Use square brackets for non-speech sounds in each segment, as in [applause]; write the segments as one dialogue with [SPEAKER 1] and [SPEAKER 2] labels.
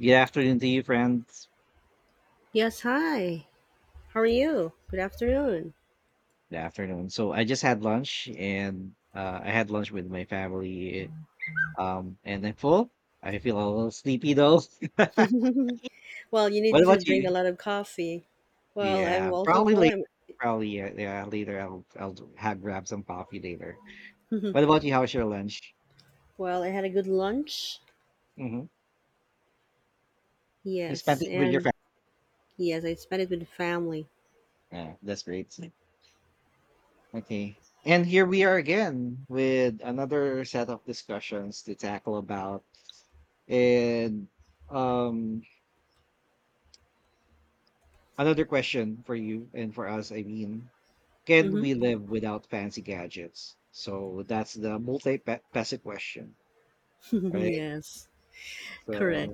[SPEAKER 1] Good afternoon to you, friends.
[SPEAKER 2] Yes, hi. How are you? Good afternoon.
[SPEAKER 1] Good afternoon. So I just had lunch, and I had lunch with my family. And I'm full. I feel a little sleepy though. [laughs]
[SPEAKER 2] Well, you
[SPEAKER 1] What
[SPEAKER 2] need to
[SPEAKER 1] about
[SPEAKER 2] drink a
[SPEAKER 1] you?
[SPEAKER 2] lot of coffee. Well, I'm
[SPEAKER 1] Yeah,
[SPEAKER 2] also
[SPEAKER 1] probably
[SPEAKER 2] full.
[SPEAKER 1] later. Probably yeah later. I'll have grab some coffee later. What about you? How was your lunch?
[SPEAKER 2] I had a good lunch.
[SPEAKER 1] Hmm. You spent
[SPEAKER 2] Yes,
[SPEAKER 1] it with your
[SPEAKER 2] and
[SPEAKER 1] family.
[SPEAKER 2] yes, I spent it with the family.
[SPEAKER 1] Yeah, that's great. Okay. And here we are again with another set of discussions to tackle about and um Another question for you and for us, I mean, can
[SPEAKER 2] Mm-hmm.
[SPEAKER 1] we live without fancy gadgets? So that's the multi-faceted question,
[SPEAKER 2] [laughs]
[SPEAKER 1] right?
[SPEAKER 2] Yes,
[SPEAKER 1] So,
[SPEAKER 2] correct.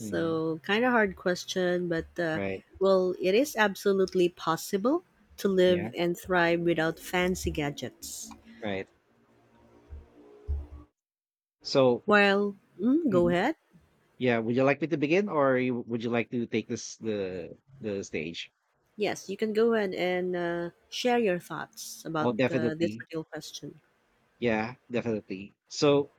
[SPEAKER 1] mhm,
[SPEAKER 2] kind of hard question, but
[SPEAKER 1] right,
[SPEAKER 2] well, it is absolutely possible to
[SPEAKER 1] yeah,
[SPEAKER 2] live and thrive without fancy gadgets.
[SPEAKER 1] right. So,
[SPEAKER 2] Well, go
[SPEAKER 1] mhm,
[SPEAKER 2] ahead.
[SPEAKER 1] yeah, would you like me to begin, or you, would you like to take this the stage?
[SPEAKER 2] Yes, you can go ahead and share your thoughts about
[SPEAKER 1] Oh,
[SPEAKER 2] this
[SPEAKER 1] definitely,
[SPEAKER 2] particular question.
[SPEAKER 1] yeah, definitely. So,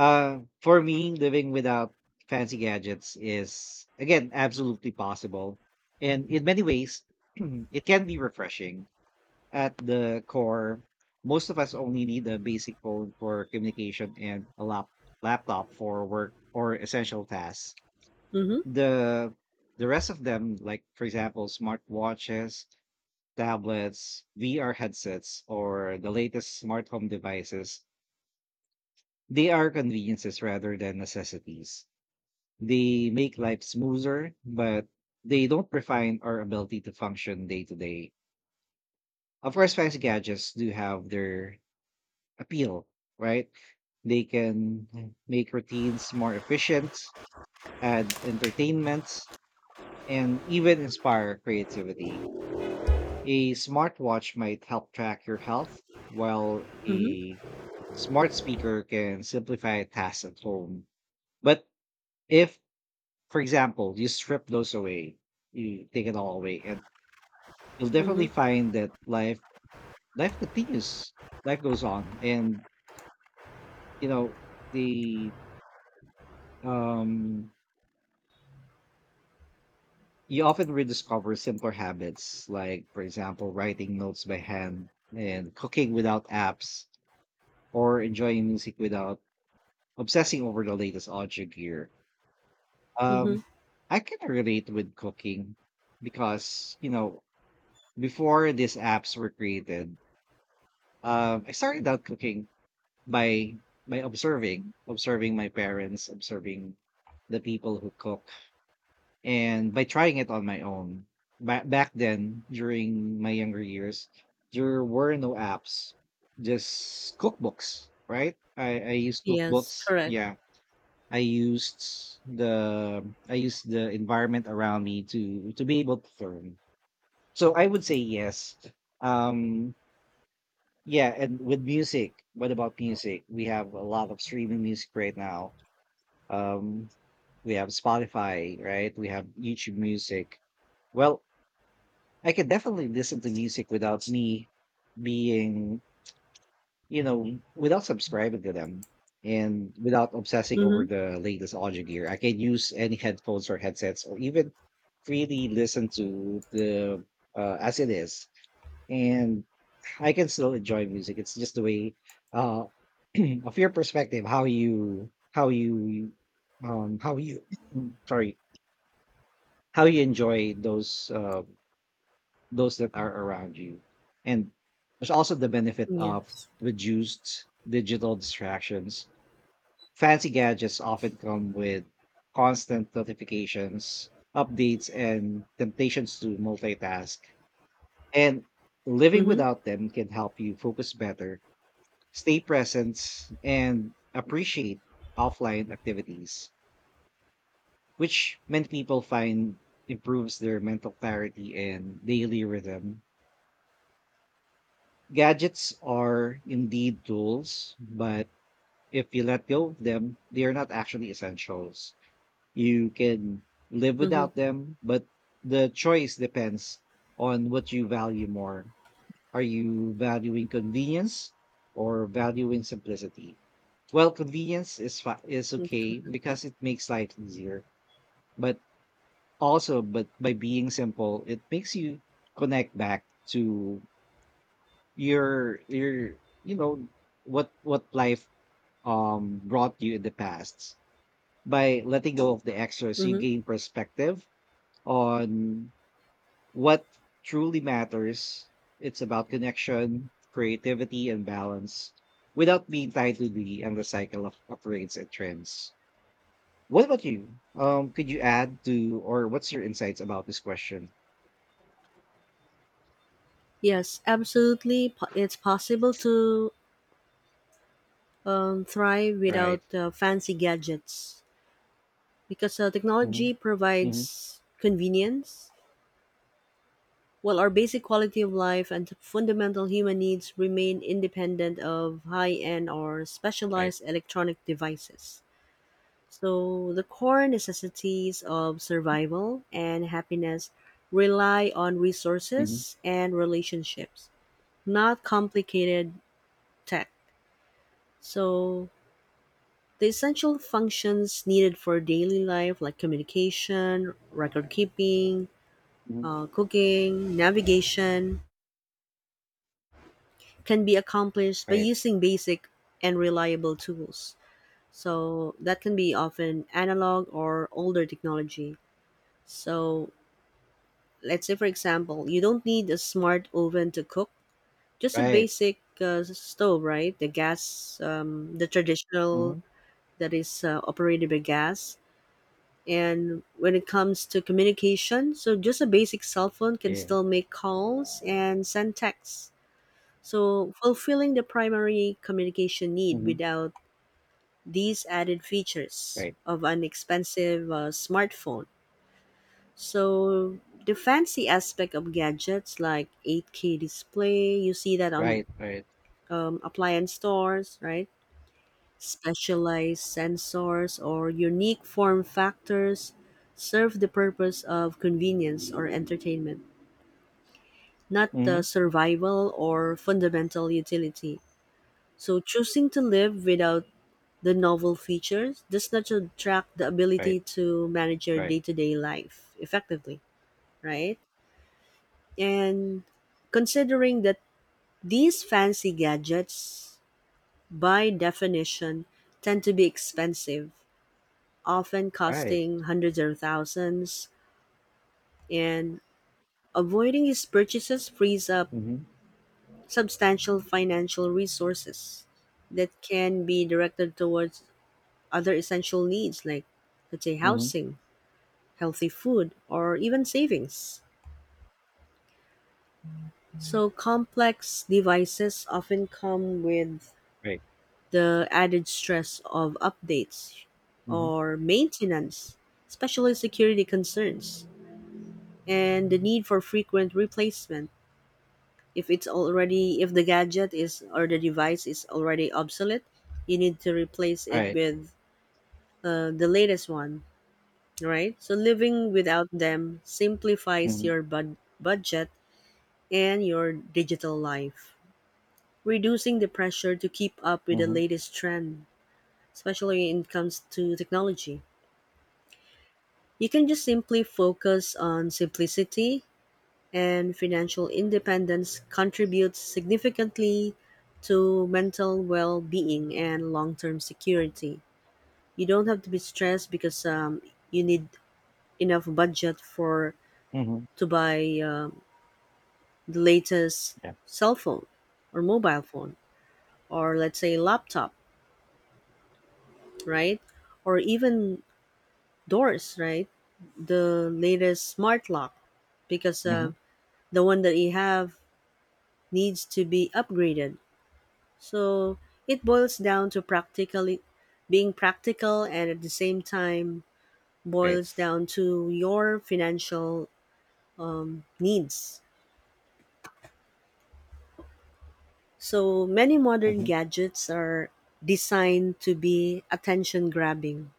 [SPEAKER 1] Uh, For me, living without fancy gadgets is, again, absolutely possible. And in many ways, [clears throat] it can be refreshing. At the core, most of us only need a basic phone for communication and a laptop for work or essential tasks.
[SPEAKER 2] Mhm.
[SPEAKER 1] The the rest of them, like for example, smartwatches, tablets, VR headsets, or the latest smart home devices, they are conveniences rather than necessities. They make life smoother, but they don't refine our ability to function day to day. Of course, fancy gadgets do have their appeal, right? They can make routines more efficient, add entertainments, and even inspire creativity. A smartwatch might help track your health, while
[SPEAKER 2] Mhm.
[SPEAKER 1] a smart speaker can simplify tasks at home. But if for example, you strip those away, you take it all away, and you'll definitely
[SPEAKER 2] Mhm.
[SPEAKER 1] find that life continues, life goes on, and you know the um you often rediscover simpler habits like, for example, writing notes by hand and cooking without apps or enjoying music without obsessing over the latest audio gear.
[SPEAKER 2] Mhm.
[SPEAKER 1] Um, I can relate with cooking because you know before these apps were created. I started out cooking by by observing my parents, observing the people who cook, and by trying it on my own. Back then, during my younger years, there were no apps, just cookbooks, right? I used
[SPEAKER 2] Yes,
[SPEAKER 1] cookbooks.
[SPEAKER 2] correct.
[SPEAKER 1] Yeah, I used I used the environment around me to be able to learn. So I would say yes. Um, yeah, and with music, what about music? We have a lot of streaming music right now. Um, we have Spotify, right? We have YouTube music. Well, I can definitely listen to music without me being, you know, without subscribing to them and without obsessing over
[SPEAKER 2] Mhm.
[SPEAKER 1] the latest audio gear. I can use any headphones or headsets or even freely listen to the as it is, and I can still enjoy music. It's just the way uh [clears throat] of your perspective, how you [clears throat] sorry, how you enjoy those those that are around you. And there's also the benefit of
[SPEAKER 2] Yes.
[SPEAKER 1] reduced digital distractions. Fancy gadgets often come with constant notifications, updates, and temptations to multitask. And living
[SPEAKER 2] Mhm.
[SPEAKER 1] without them can help you focus better, stay present, and appreciate offline activities, which many people find improves their mental clarity and daily rhythm. Gadgets are indeed tools, but if you let go of them, they are not actually essentials. You can live
[SPEAKER 2] Mhm.
[SPEAKER 1] without them, but the choice depends on what you value more. Are you valuing convenience or valuing simplicity? Well, convenience is is
[SPEAKER 2] Mm,
[SPEAKER 1] okay
[SPEAKER 2] correct.
[SPEAKER 1] because it makes life easier, but also but by being simple, it makes you connect back to your you know what life brought you in the past. By letting go of the extras, you
[SPEAKER 2] Mhm.
[SPEAKER 1] gain perspective on what truly matters. It's about connection, creativity, and balance without being tied to the endless cycle of upgrades and trends. What about you? Could you add to or what's your insights about this question?
[SPEAKER 2] Yes, absolutely. It's possible to thrive
[SPEAKER 1] Right.
[SPEAKER 2] without fancy gadgets, because
[SPEAKER 1] Hmm.
[SPEAKER 2] technology
[SPEAKER 1] Hmm.
[SPEAKER 2] provides convenience, while our basic quality of life and fundamental human needs remain independent of high-end or
[SPEAKER 1] Right.
[SPEAKER 2] specialized electronic devices. So the core necessities of survival and happiness rely on
[SPEAKER 1] Hmm.
[SPEAKER 2] resources and relationships, not complicated tech. So the essential functions needed for daily life, like communication, record keeping,
[SPEAKER 1] Hmm.
[SPEAKER 2] cooking, navigation, can be accomplished by
[SPEAKER 1] Right.
[SPEAKER 2] using basic and reliable tools. So that can be often analog or older technology. So let's say for example you don't need a smart oven to cook, just a
[SPEAKER 1] Right.
[SPEAKER 2] basic stove, right? The gas, the traditional
[SPEAKER 1] Hmm.
[SPEAKER 2] that is operated by gas. And when it comes to communication, so just a basic cell phone can
[SPEAKER 1] Yeah.
[SPEAKER 2] still make calls and send texts, so fulfilling the primary communication need
[SPEAKER 1] Hmm.
[SPEAKER 2] without these added features
[SPEAKER 1] Right.
[SPEAKER 2] of an expensive smartphone. So the fancy aspect of gadgets, like 8K display, you see that on
[SPEAKER 1] Right. Right.
[SPEAKER 2] appliance stores, right? Specialized sensors or unique form factors serve the purpose of convenience or entertainment, not
[SPEAKER 1] Hmm.
[SPEAKER 2] the survival or fundamental utility. So choosing to live without the novel features does not attract the
[SPEAKER 1] Right.
[SPEAKER 2] ability to manage your
[SPEAKER 1] Right.
[SPEAKER 2] day-to-day life effectively, right? And considering that these fancy gadgets, by definition, tend to be expensive, often
[SPEAKER 1] Right.
[SPEAKER 2] costing hundreds or thousands, and avoiding his purchases frees up
[SPEAKER 1] Hmm.
[SPEAKER 2] substantial financial resources that can be directed towards other essential needs like, let's say,
[SPEAKER 1] Hmm.
[SPEAKER 2] housing, healthy food, or even savings. So, complex devices often come with
[SPEAKER 1] Right.
[SPEAKER 2] the added stress of updates
[SPEAKER 1] Hmm.
[SPEAKER 2] or maintenance, especially security concerns, and the need for frequent replacement. If it's already if the gadget is or the device is already obsolete, you need to replace it
[SPEAKER 1] Right.
[SPEAKER 2] with the latest one, right? So living without them simplifies
[SPEAKER 1] Hmm.
[SPEAKER 2] your budget and your digital life, reducing the pressure to keep up with the
[SPEAKER 1] Hmm.
[SPEAKER 2] latest trend, especially when it comes to technology. You can just simply focus on simplicity, and financial independence contributes significantly to mental well-being and long-term security. You don't have to be stressed because you need enough budget for
[SPEAKER 1] Hmm.
[SPEAKER 2] to buy the latest
[SPEAKER 1] Yeah.
[SPEAKER 2] cell phone or mobile phone or let's say laptop, right? Or even doors, right? The latest smart lock because
[SPEAKER 1] Hmm.
[SPEAKER 2] the one that you have needs to be upgraded. So it boils down to practically being practical, and at the same time
[SPEAKER 1] Right.
[SPEAKER 2] boils down to your financial needs. So many modern
[SPEAKER 1] Hmm.
[SPEAKER 2] gadgets are designed to be attention grabbing.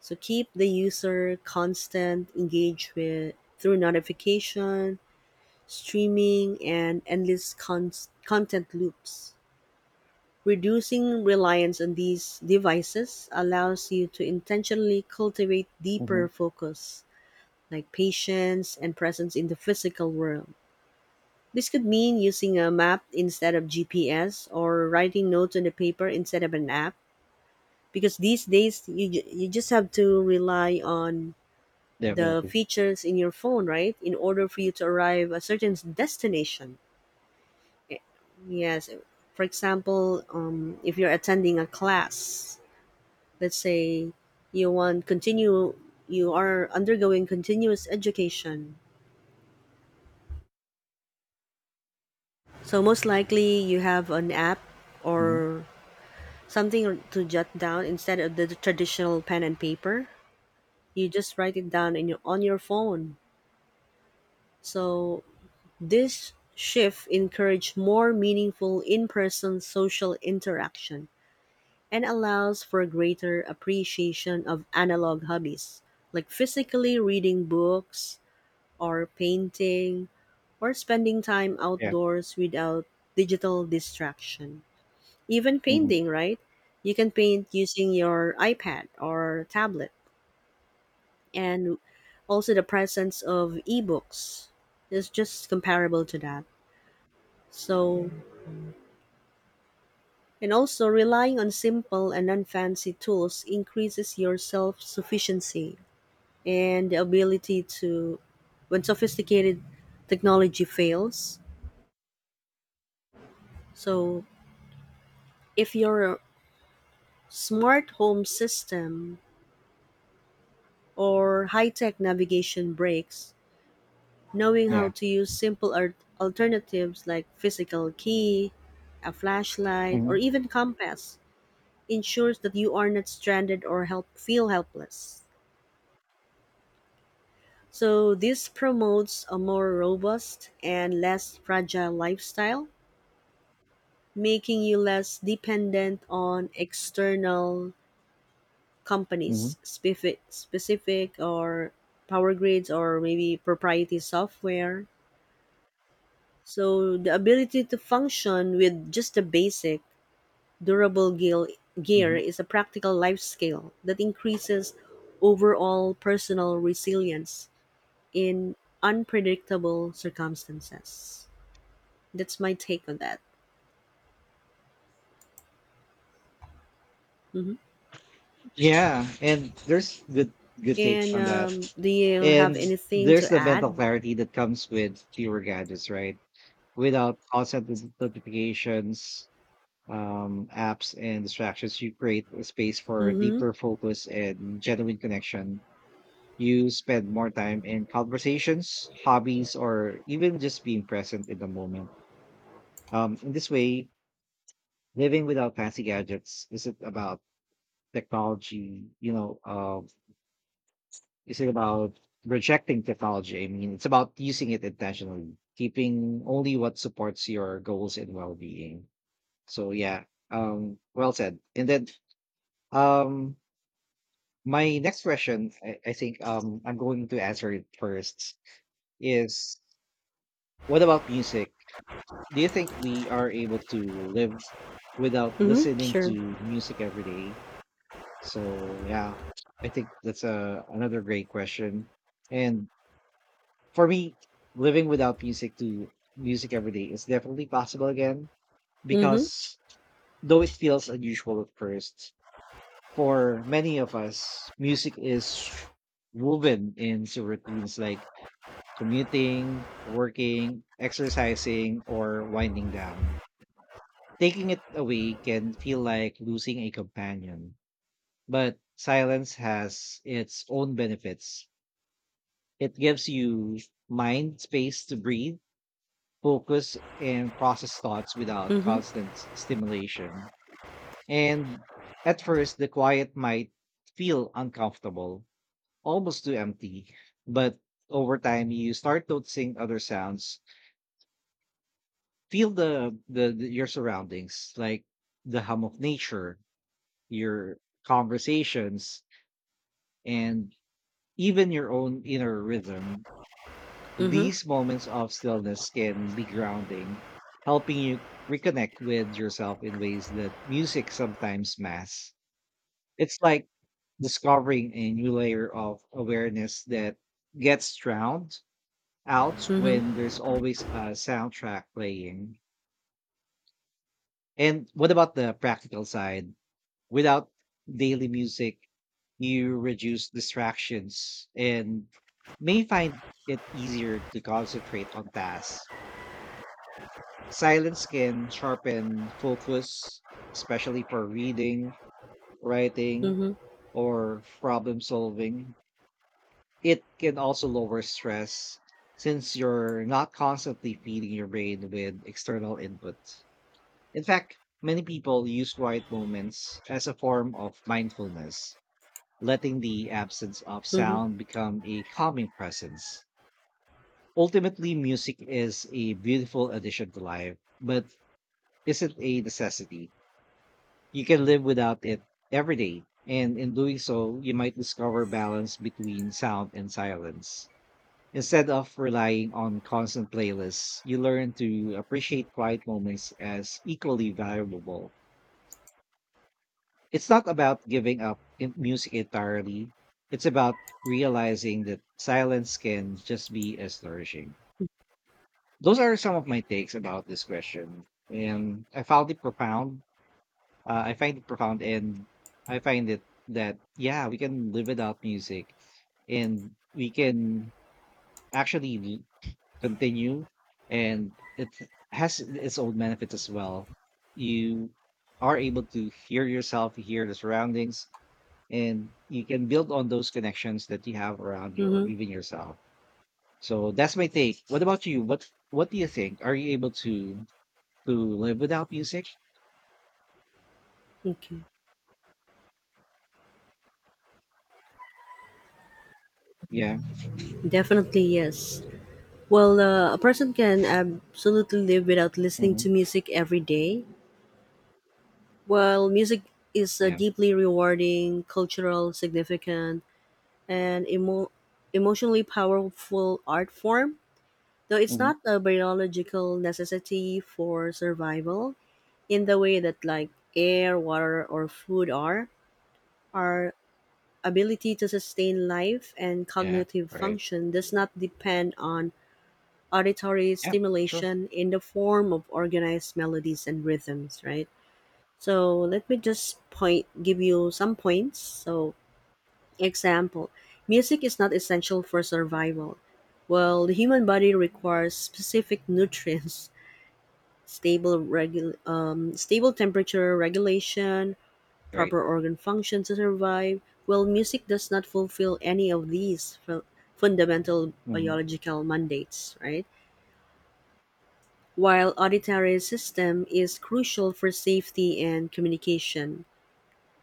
[SPEAKER 2] So keep the user constant, engaged with through notification, streaming, and endless content loops. Reducing reliance on these devices allows you to intentionally cultivate
[SPEAKER 1] Mhm.
[SPEAKER 2] deeper focus, like patience and presence in the physical world. This could mean using a map instead of GPS, or writing notes on the paper instead of an app, because these days you, you just have to rely on the
[SPEAKER 1] Definitely.
[SPEAKER 2] features in your phone, right? In order for you to arrive a certain destination. Yes. For example, if you're attending a class, let's say you want continue you are undergoing continuous education, so most likely you have an app
[SPEAKER 1] Mhm.
[SPEAKER 2] or something to jot down instead of the traditional pen and paper. You just write it down in your, on your phone. So this shift encourages more meaningful in-person social interaction and allows for greater appreciation of analog hobbies, like physically reading books or painting, or spending time
[SPEAKER 1] Yeah.
[SPEAKER 2] outdoors without digital distraction. Even
[SPEAKER 1] Mhm.
[SPEAKER 2] painting, right? You can paint using your iPad or tablet, and also the presence of ebooks is just comparable to that. So, and also relying on simple and unfancy tools increases your self sufficiency and the ability to, when sophisticated technology fails. So, if you're smart home system or high-tech navigation breaks, knowing
[SPEAKER 1] Yeah.
[SPEAKER 2] how to use simple alternatives like physical key, a flashlight, or
[SPEAKER 1] Mhm.
[SPEAKER 2] even compass ensures that you are not stranded or help feel helpless. So this promotes a more robust and less fragile lifestyle, making you less dependent on external
[SPEAKER 1] Mhm.
[SPEAKER 2] companies specific or power grids or maybe proprietary software. So the ability to function with just a basic durable gear
[SPEAKER 1] Mhm.
[SPEAKER 2] is a practical life skill that increases overall personal resilience in unpredictable circumstances. That's my take on that. Hmm.
[SPEAKER 1] Yeah, and there's good takes
[SPEAKER 2] And
[SPEAKER 1] on that.
[SPEAKER 2] do you
[SPEAKER 1] And
[SPEAKER 2] have anything
[SPEAKER 1] there's
[SPEAKER 2] to
[SPEAKER 1] the
[SPEAKER 2] add?
[SPEAKER 1] mental clarity that comes with fewer gadgets, right? Without constant notifications, apps and distractions, you create a space for
[SPEAKER 2] Mm-hmm.
[SPEAKER 1] deeper focus and genuine connection. You spend more time in conversations, hobbies, or even just being present in the moment. In this way, living without fancy gadgets is it about technology you know is it about rejecting technology. I mean, it's about using it intentionally, keeping only what supports your goals and well-being. So yeah, well said. And then um my next question, I think I'm going to answer it first, is what about music? Do you think we are able to live without
[SPEAKER 2] Mm-hmm.
[SPEAKER 1] listening
[SPEAKER 2] Sure.
[SPEAKER 1] to music every day? So yeah, I think that's a another great question. And for me, living without music every day is definitely possible again
[SPEAKER 2] Mm-hmm.
[SPEAKER 1] because though it feels unusual at first, for many of us, music is woven into routines like commuting, working, exercising, or winding down. Taking it away can feel like losing a companion, but silence has its own benefits. It gives you mind space to breathe, focus, and process thoughts without
[SPEAKER 2] Mm-hmm.
[SPEAKER 1] constant stimulation. And at first, the quiet might feel uncomfortable, almost too empty. But over time, you start noticing other sounds, feel the your surroundings, like the hum of nature, your conversations, and even your own inner rhythm.
[SPEAKER 2] Mm-hmm.
[SPEAKER 1] These moments of stillness can be grounding, helping you reconnect with yourself in ways that music sometimes masks. It's like discovering a new layer of awareness that gets drowned out when
[SPEAKER 2] Mm-hmm.
[SPEAKER 1] there's always a soundtrack playing. And what about the practical side? Without daily music, you reduce distractions and may find it easier to concentrate on tasks. Silence can sharpen focus, especially for reading, writing,
[SPEAKER 2] Mm-hmm,
[SPEAKER 1] or problem solving. It can also lower stress since you're not constantly feeding your brain with external input. In fact, many people use quiet moments as a form of mindfulness, letting the absence of
[SPEAKER 2] mm-hmm,
[SPEAKER 1] sound become a calming presence. Ultimately, music is a beautiful addition to life, but isn't a necessity. You can live without it every day, and in doing so, you might discover balance between sound and silence. Instead of relying on constant playlists, you learn to appreciate quiet moments as equally valuable. It's not about giving up music entirely, it's about realizing that silence can just be as nourishing. Those are some of my takes about this question, and I found it profound. I find it profound, and I find it that yeah, we can live without music, and we can actually continue, and it has its own benefits as well. You are able to hear yourself, hear the surroundings, and you can build on those connections that you have around you or
[SPEAKER 2] mm-hmm.
[SPEAKER 1] even yourself. So that's my take. What about you? What do you think? Are you able to live without music?
[SPEAKER 2] Okay.
[SPEAKER 1] Yeah.
[SPEAKER 2] Definitely, yes. Well, a person can absolutely live without listening
[SPEAKER 1] Hmm.
[SPEAKER 2] to music every day. While music is
[SPEAKER 1] Yeah.
[SPEAKER 2] deeply rewarding, cultural, significant, and emotionally powerful art form, though it's
[SPEAKER 1] Hmm.
[SPEAKER 2] not a biological necessity for survival in the way that like air, water, or food are ability to sustain life and
[SPEAKER 1] Yeah.
[SPEAKER 2] cognitive
[SPEAKER 1] Right.
[SPEAKER 2] function does not depend on auditory
[SPEAKER 1] Yeah, sure.
[SPEAKER 2] stimulation in the form of organized melodies and rhythms, right? So let me just point give you some points. So example, music is not essential for survival. Well, the human body requires specific nutrients, [laughs] stable stable temperature regulation,
[SPEAKER 1] Right.
[SPEAKER 2] proper organ function to survive. Well, music does not fulfill any of these fundamental
[SPEAKER 1] Mhm.
[SPEAKER 2] biological mandates, right? While auditory system is crucial for safety and communication.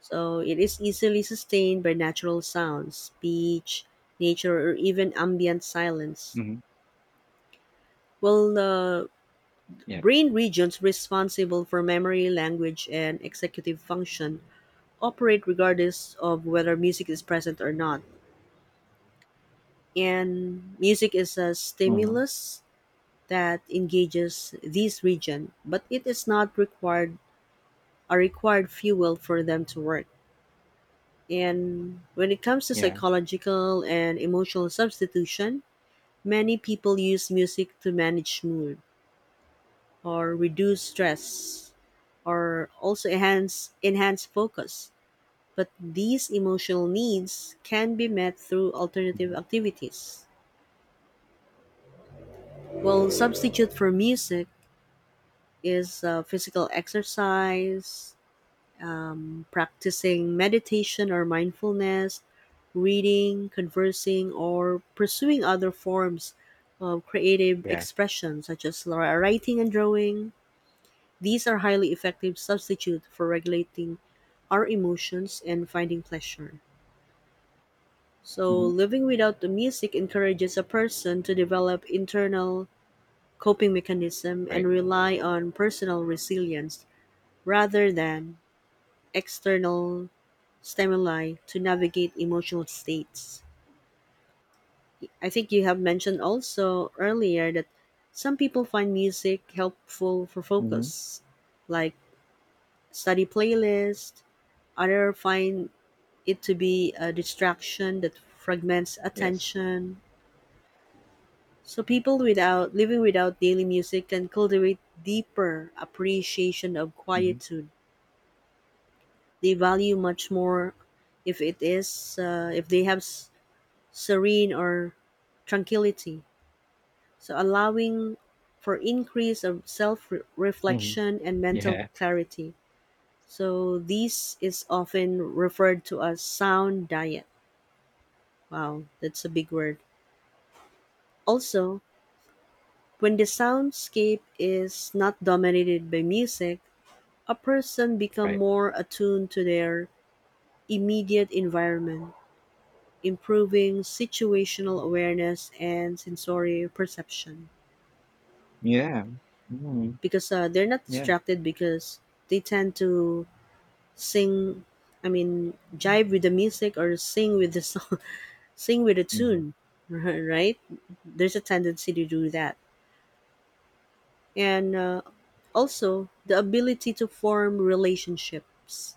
[SPEAKER 2] So it is easily sustained by natural sounds, speech, nature, or even ambient silence.
[SPEAKER 1] Mhm.
[SPEAKER 2] Well, the
[SPEAKER 1] Yeah.
[SPEAKER 2] brain regions responsible for memory, language, and executive function operate regardless of whether music is present or not. And music is a
[SPEAKER 1] Mhm.
[SPEAKER 2] stimulus that engages these region, but it is not required a required fuel for them to work. And when it comes to
[SPEAKER 1] Yeah.
[SPEAKER 2] psychological and emotional substitution, many people use music to manage mood or reduce stress or also enhance focus. But these emotional needs can be met through alternative
[SPEAKER 1] Mhm.
[SPEAKER 2] activities. Well, substitute for music is physical exercise, practicing meditation or mindfulness, reading, conversing, or pursuing other forms of creative
[SPEAKER 1] Yeah.
[SPEAKER 2] expression, such as writing and drawing. These are highly effective substitute for regulating our emotions and finding pleasure. So,
[SPEAKER 1] Mhm.
[SPEAKER 2] living without the music encourages a person to develop internal coping mechanism and
[SPEAKER 1] Right.
[SPEAKER 2] rely on personal resilience rather than external stimuli to navigate emotional states. I think you have mentioned also earlier that some people find music helpful for
[SPEAKER 1] Mhm.
[SPEAKER 2] focus, like study playlist. Other find it to be a distraction that fragments
[SPEAKER 1] Yes.
[SPEAKER 2] attention. So people without living without daily music can cultivate deeper appreciation of
[SPEAKER 1] Mhm.
[SPEAKER 2] quietude. They value much more if it is if they have serene or tranquility. So allowing for increase of
[SPEAKER 1] Mhm.
[SPEAKER 2] self-reflection and mental
[SPEAKER 1] Yeah.
[SPEAKER 2] clarity. So this is often referred to as sound diet. Wow, that's a big word. Also, when the soundscape is not dominated by music, a person become
[SPEAKER 1] Right.
[SPEAKER 2] more attuned to their immediate environment, improving situational awareness and sensory perception.
[SPEAKER 1] Yeah. Mhm.
[SPEAKER 2] Because they're not
[SPEAKER 1] Yeah.
[SPEAKER 2] distracted because they tend to sing, I mean jive with the music or sing with the song, [laughs] sing with the
[SPEAKER 1] Mhm.
[SPEAKER 2] tune, [laughs] right? There's a tendency to do that. And also the ability to form relationships,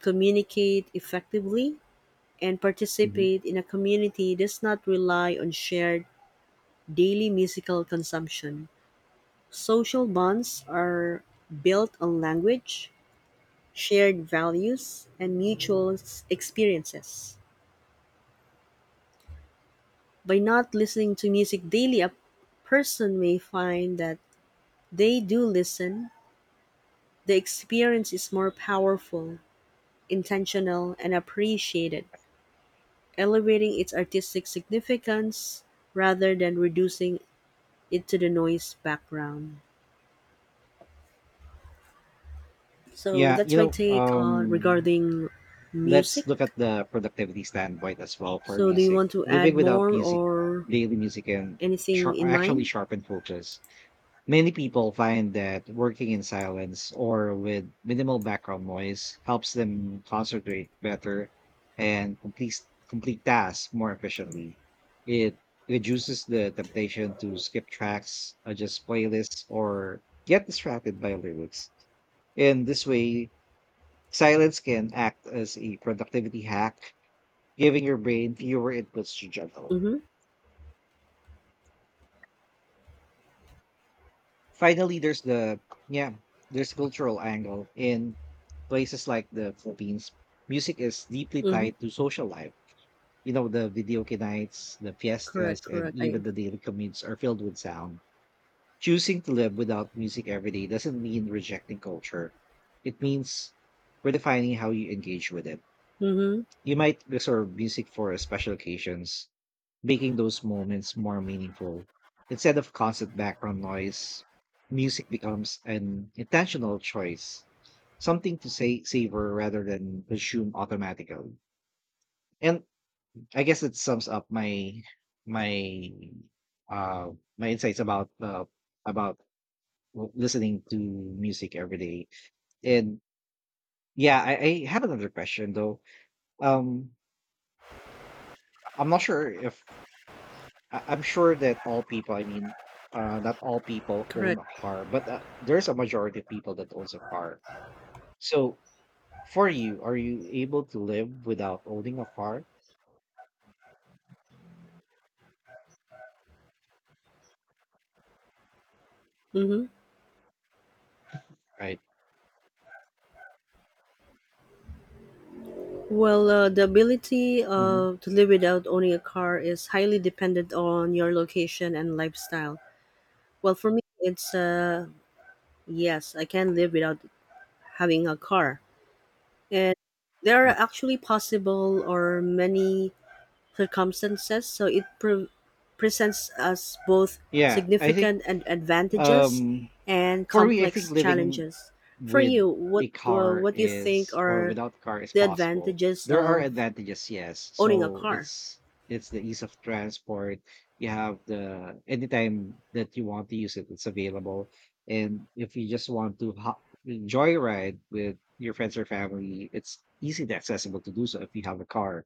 [SPEAKER 2] communicate effectively, and
[SPEAKER 1] Mhm.
[SPEAKER 2] participate in a community does not rely on shared daily musical consumption. Social bonds are built on language, shared values, and mutual experiences. By not listening to music daily, a person may find that they do listen, the experience is more powerful, intentional, and appreciated, elevating its artistic significance rather than reducing it to the noise background. So
[SPEAKER 1] Yeah.
[SPEAKER 2] that's
[SPEAKER 1] You
[SPEAKER 2] my
[SPEAKER 1] know,
[SPEAKER 2] take on regarding
[SPEAKER 1] let's
[SPEAKER 2] music.
[SPEAKER 1] look at the productivity standpoint as well for
[SPEAKER 2] So do you
[SPEAKER 1] music.
[SPEAKER 2] want to
[SPEAKER 1] Living
[SPEAKER 2] add
[SPEAKER 1] without
[SPEAKER 2] more
[SPEAKER 1] music,
[SPEAKER 2] or
[SPEAKER 1] daily music can
[SPEAKER 2] anything
[SPEAKER 1] shar
[SPEAKER 2] in
[SPEAKER 1] actually
[SPEAKER 2] mind?
[SPEAKER 1] sharpen focus. Many people find that working in silence or with minimal background noise helps them concentrate better and complete tasks more efficiently. It reduces the temptation to skip tracks, adjust playlists, or get distracted by lyrics. In this way, silence can act as a productivity hack, giving your brain fewer inputs to juggle.
[SPEAKER 2] Mm-hmm.
[SPEAKER 1] Finally, there's yeah, there's cultural angle in places like the Philippines. Music is deeply
[SPEAKER 2] Mm-hmm.
[SPEAKER 1] tied to social life. You know, the video nights, the
[SPEAKER 2] Correct,
[SPEAKER 1] fiestas, and
[SPEAKER 2] correct.
[SPEAKER 1] even
[SPEAKER 2] I
[SPEAKER 1] the daily commutes are filled with sound. Choosing to live without music every day doesn't mean rejecting culture. It means redefining how you engage with it.
[SPEAKER 2] mhm.
[SPEAKER 1] You might reserve music for special occasions, making those moments more meaningful. Instead of constant background noise, music becomes an intentional choice, something to say savor rather than consume automatically. And I guess it sums up my uh my insights about about listening to music every day. And yeah, I have another question though. Um I'm not sure if I'm sure that all people, I mean, not all people own a
[SPEAKER 2] Correct.
[SPEAKER 1] car, but there's a majority of people that owns a car. So for you, are you able to live without owning a car?
[SPEAKER 2] Mhm.
[SPEAKER 1] Right.
[SPEAKER 2] Well, the ability
[SPEAKER 1] Hmm.
[SPEAKER 2] to live without owning a car is highly dependent on your location and lifestyle. Well, for me, it's yes, I can live without having a car, and there are actually possible or many circumstances, so it presents us both
[SPEAKER 1] Yeah, I think
[SPEAKER 2] significant and advantages
[SPEAKER 1] um
[SPEAKER 2] and
[SPEAKER 1] for me, I think
[SPEAKER 2] complex
[SPEAKER 1] living
[SPEAKER 2] challenges. For
[SPEAKER 1] with
[SPEAKER 2] you, what do you think are
[SPEAKER 1] without car is
[SPEAKER 2] the
[SPEAKER 1] possible.
[SPEAKER 2] advantages
[SPEAKER 1] There are
[SPEAKER 2] of
[SPEAKER 1] advantages, yes.
[SPEAKER 2] owning a
[SPEAKER 1] So
[SPEAKER 2] car?
[SPEAKER 1] it's the ease of transport. You have the anytime that you want to use it, it's available. And if you just want to enjoy a ride with your friends or family, it's easily accessible to do so if you have a car,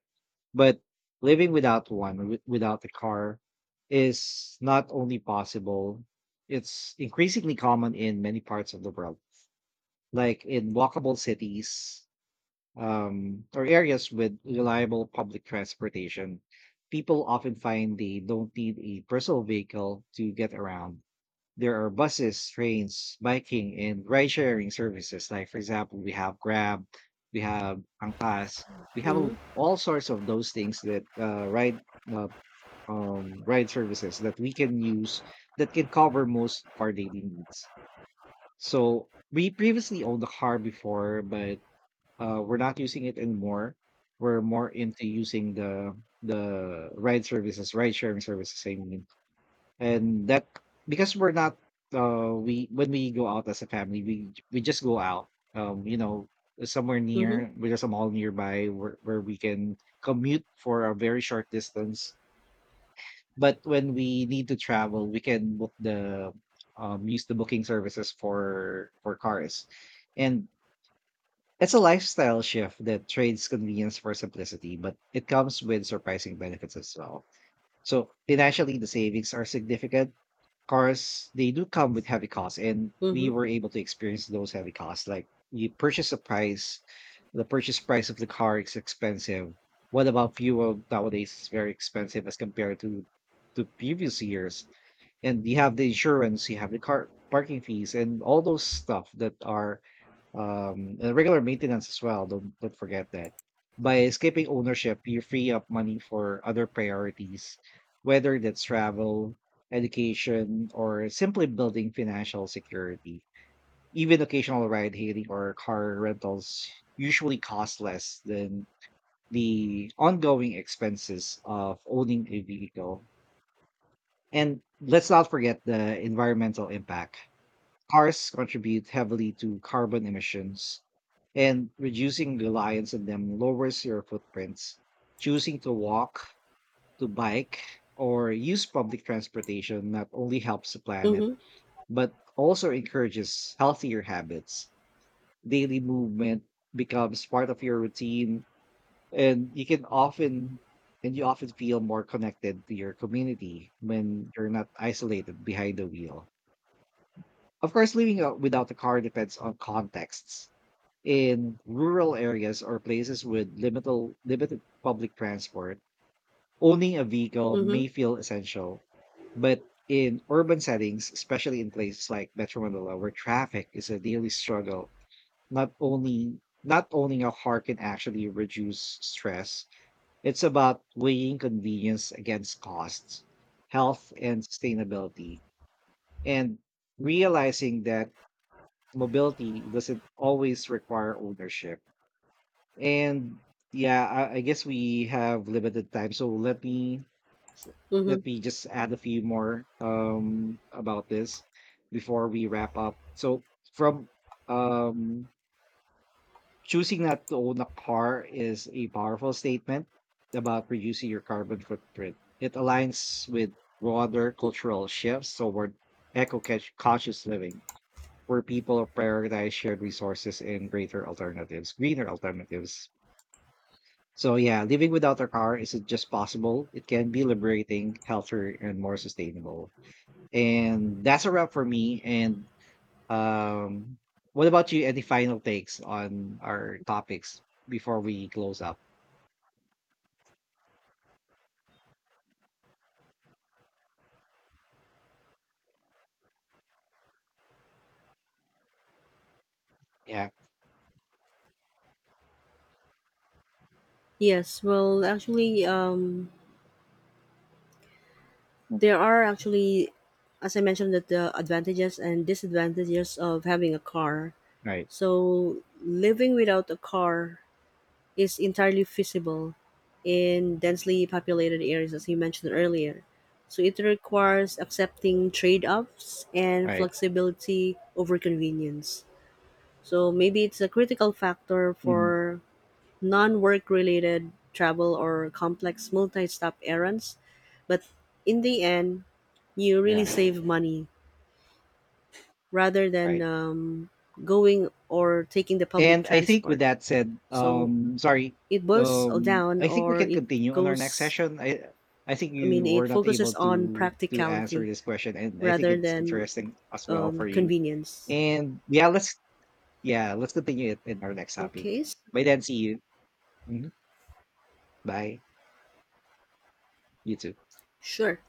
[SPEAKER 1] but living without one, without a car, is not only possible, it's increasingly common in many parts of the world, like in walkable cities or areas with reliable public transportation. People often find they don't need a personal vehicle to get around. There are buses, trains, biking, and ride sharing services. Like, for example, we have Grab, we have Angkas, we have all
[SPEAKER 2] Mm-hmm.
[SPEAKER 1] all sorts of those things that ride. Uh, Ride services that we can use that can cover most of our daily needs. So we previously owned a car before, but we're not using it anymore. We're more into using the ride services, ride sharing services, I mean, and that, because we're not, we, when we go out as a family, we just go out, um you know somewhere
[SPEAKER 2] Mm-hmm.
[SPEAKER 1] near. There's a mall nearby where we can commute for a very short distance, but when we need to travel, we can book the, use the booking services for cars. And it's a lifestyle shift that trades convenience for simplicity, but it comes with surprising benefits as well. So financially, the savings are significant. Cars, they do come with heavy costs, and we
[SPEAKER 2] Mm-hmm.
[SPEAKER 1] were able to experience those heavy costs. Like, you purchase a price, the purchase price of the car is expensive. What about fuel? Nowadays it's very expensive as compared to previous years. And you have the insurance, you have the car parking fees, and all those stuff that are, and regular maintenance as well. Don't forget that. By skipping ownership, you free up money for other priorities, whether that's travel, education, or simply building financial security. Even occasional ride hailing or car rentals usually cost less than the ongoing expenses of owning a vehicle. And let's not forget the environmental impact. Cars contribute heavily to carbon emissions, and reducing reliance on them lowers your footprints. Choosing to walk, to bike, or use public transportation not only helps the planet,
[SPEAKER 2] Mm-hmm.
[SPEAKER 1] but also encourages healthier habits. Daily movement becomes part of your routine, and you often feel more connected to your community when you're not isolated behind the wheel. Of course, living out without a car depends on contexts. In rural areas or places with limited public transport, owning a vehicle
[SPEAKER 2] Mm-hmm.
[SPEAKER 1] may feel essential. But in urban settings, especially in places like Metro Manila, where traffic is a daily struggle, not only not owning a car can actually reduce stress. It's about weighing convenience against costs, health, and sustainability, and realizing that mobility doesn't always require ownership. And yeah, I guess we have limited time, so s-
[SPEAKER 2] Mm-hmm.
[SPEAKER 1] let me just add a few more about this before we wrap up. So from um choosing not to own a car is a powerful statement about reducing your carbon footprint. It aligns with broader cultural shifts toward eco-conscious living, where people prioritize shared resources and greener alternatives. So yeah, living without a car isn't just possible. It can be liberating, healthier, and more sustainable. And that's a wrap for me. And um what about you? Any final takes on our topics before we close up? Yeah.
[SPEAKER 2] Yes. Well, actually, there are actually, as I mentioned, that the advantages and disadvantages of having a car.
[SPEAKER 1] Right.
[SPEAKER 2] So living without a car is entirely feasible in densely populated areas, as you mentioned earlier. So it requires accepting trade offs and
[SPEAKER 1] Right.
[SPEAKER 2] flexibility over convenience. So maybe it's a critical factor
[SPEAKER 1] Mhm.
[SPEAKER 2] for non work related travel or complex multi stop errands. But in the end, you really
[SPEAKER 1] Yeah.
[SPEAKER 2] save money rather than
[SPEAKER 1] Right.
[SPEAKER 2] going or taking the public
[SPEAKER 1] And I think with
[SPEAKER 2] transport.
[SPEAKER 1] that said,
[SPEAKER 2] So
[SPEAKER 1] sorry,
[SPEAKER 2] it boils down
[SPEAKER 1] I think we
[SPEAKER 2] or
[SPEAKER 1] can
[SPEAKER 2] it
[SPEAKER 1] continue on our next
[SPEAKER 2] goes,
[SPEAKER 1] session. I think
[SPEAKER 2] I
[SPEAKER 1] you
[SPEAKER 2] mean it
[SPEAKER 1] were not able
[SPEAKER 2] focuses on
[SPEAKER 1] to answer
[SPEAKER 2] practicality
[SPEAKER 1] this question, and I think
[SPEAKER 2] rather
[SPEAKER 1] it's
[SPEAKER 2] than
[SPEAKER 1] interesting as well for you.
[SPEAKER 2] convenience.
[SPEAKER 1] And yeah, let's continue it in our next
[SPEAKER 2] Okay.
[SPEAKER 1] topic. By then, see you. Mhm. Bye. You too.
[SPEAKER 2] Sure,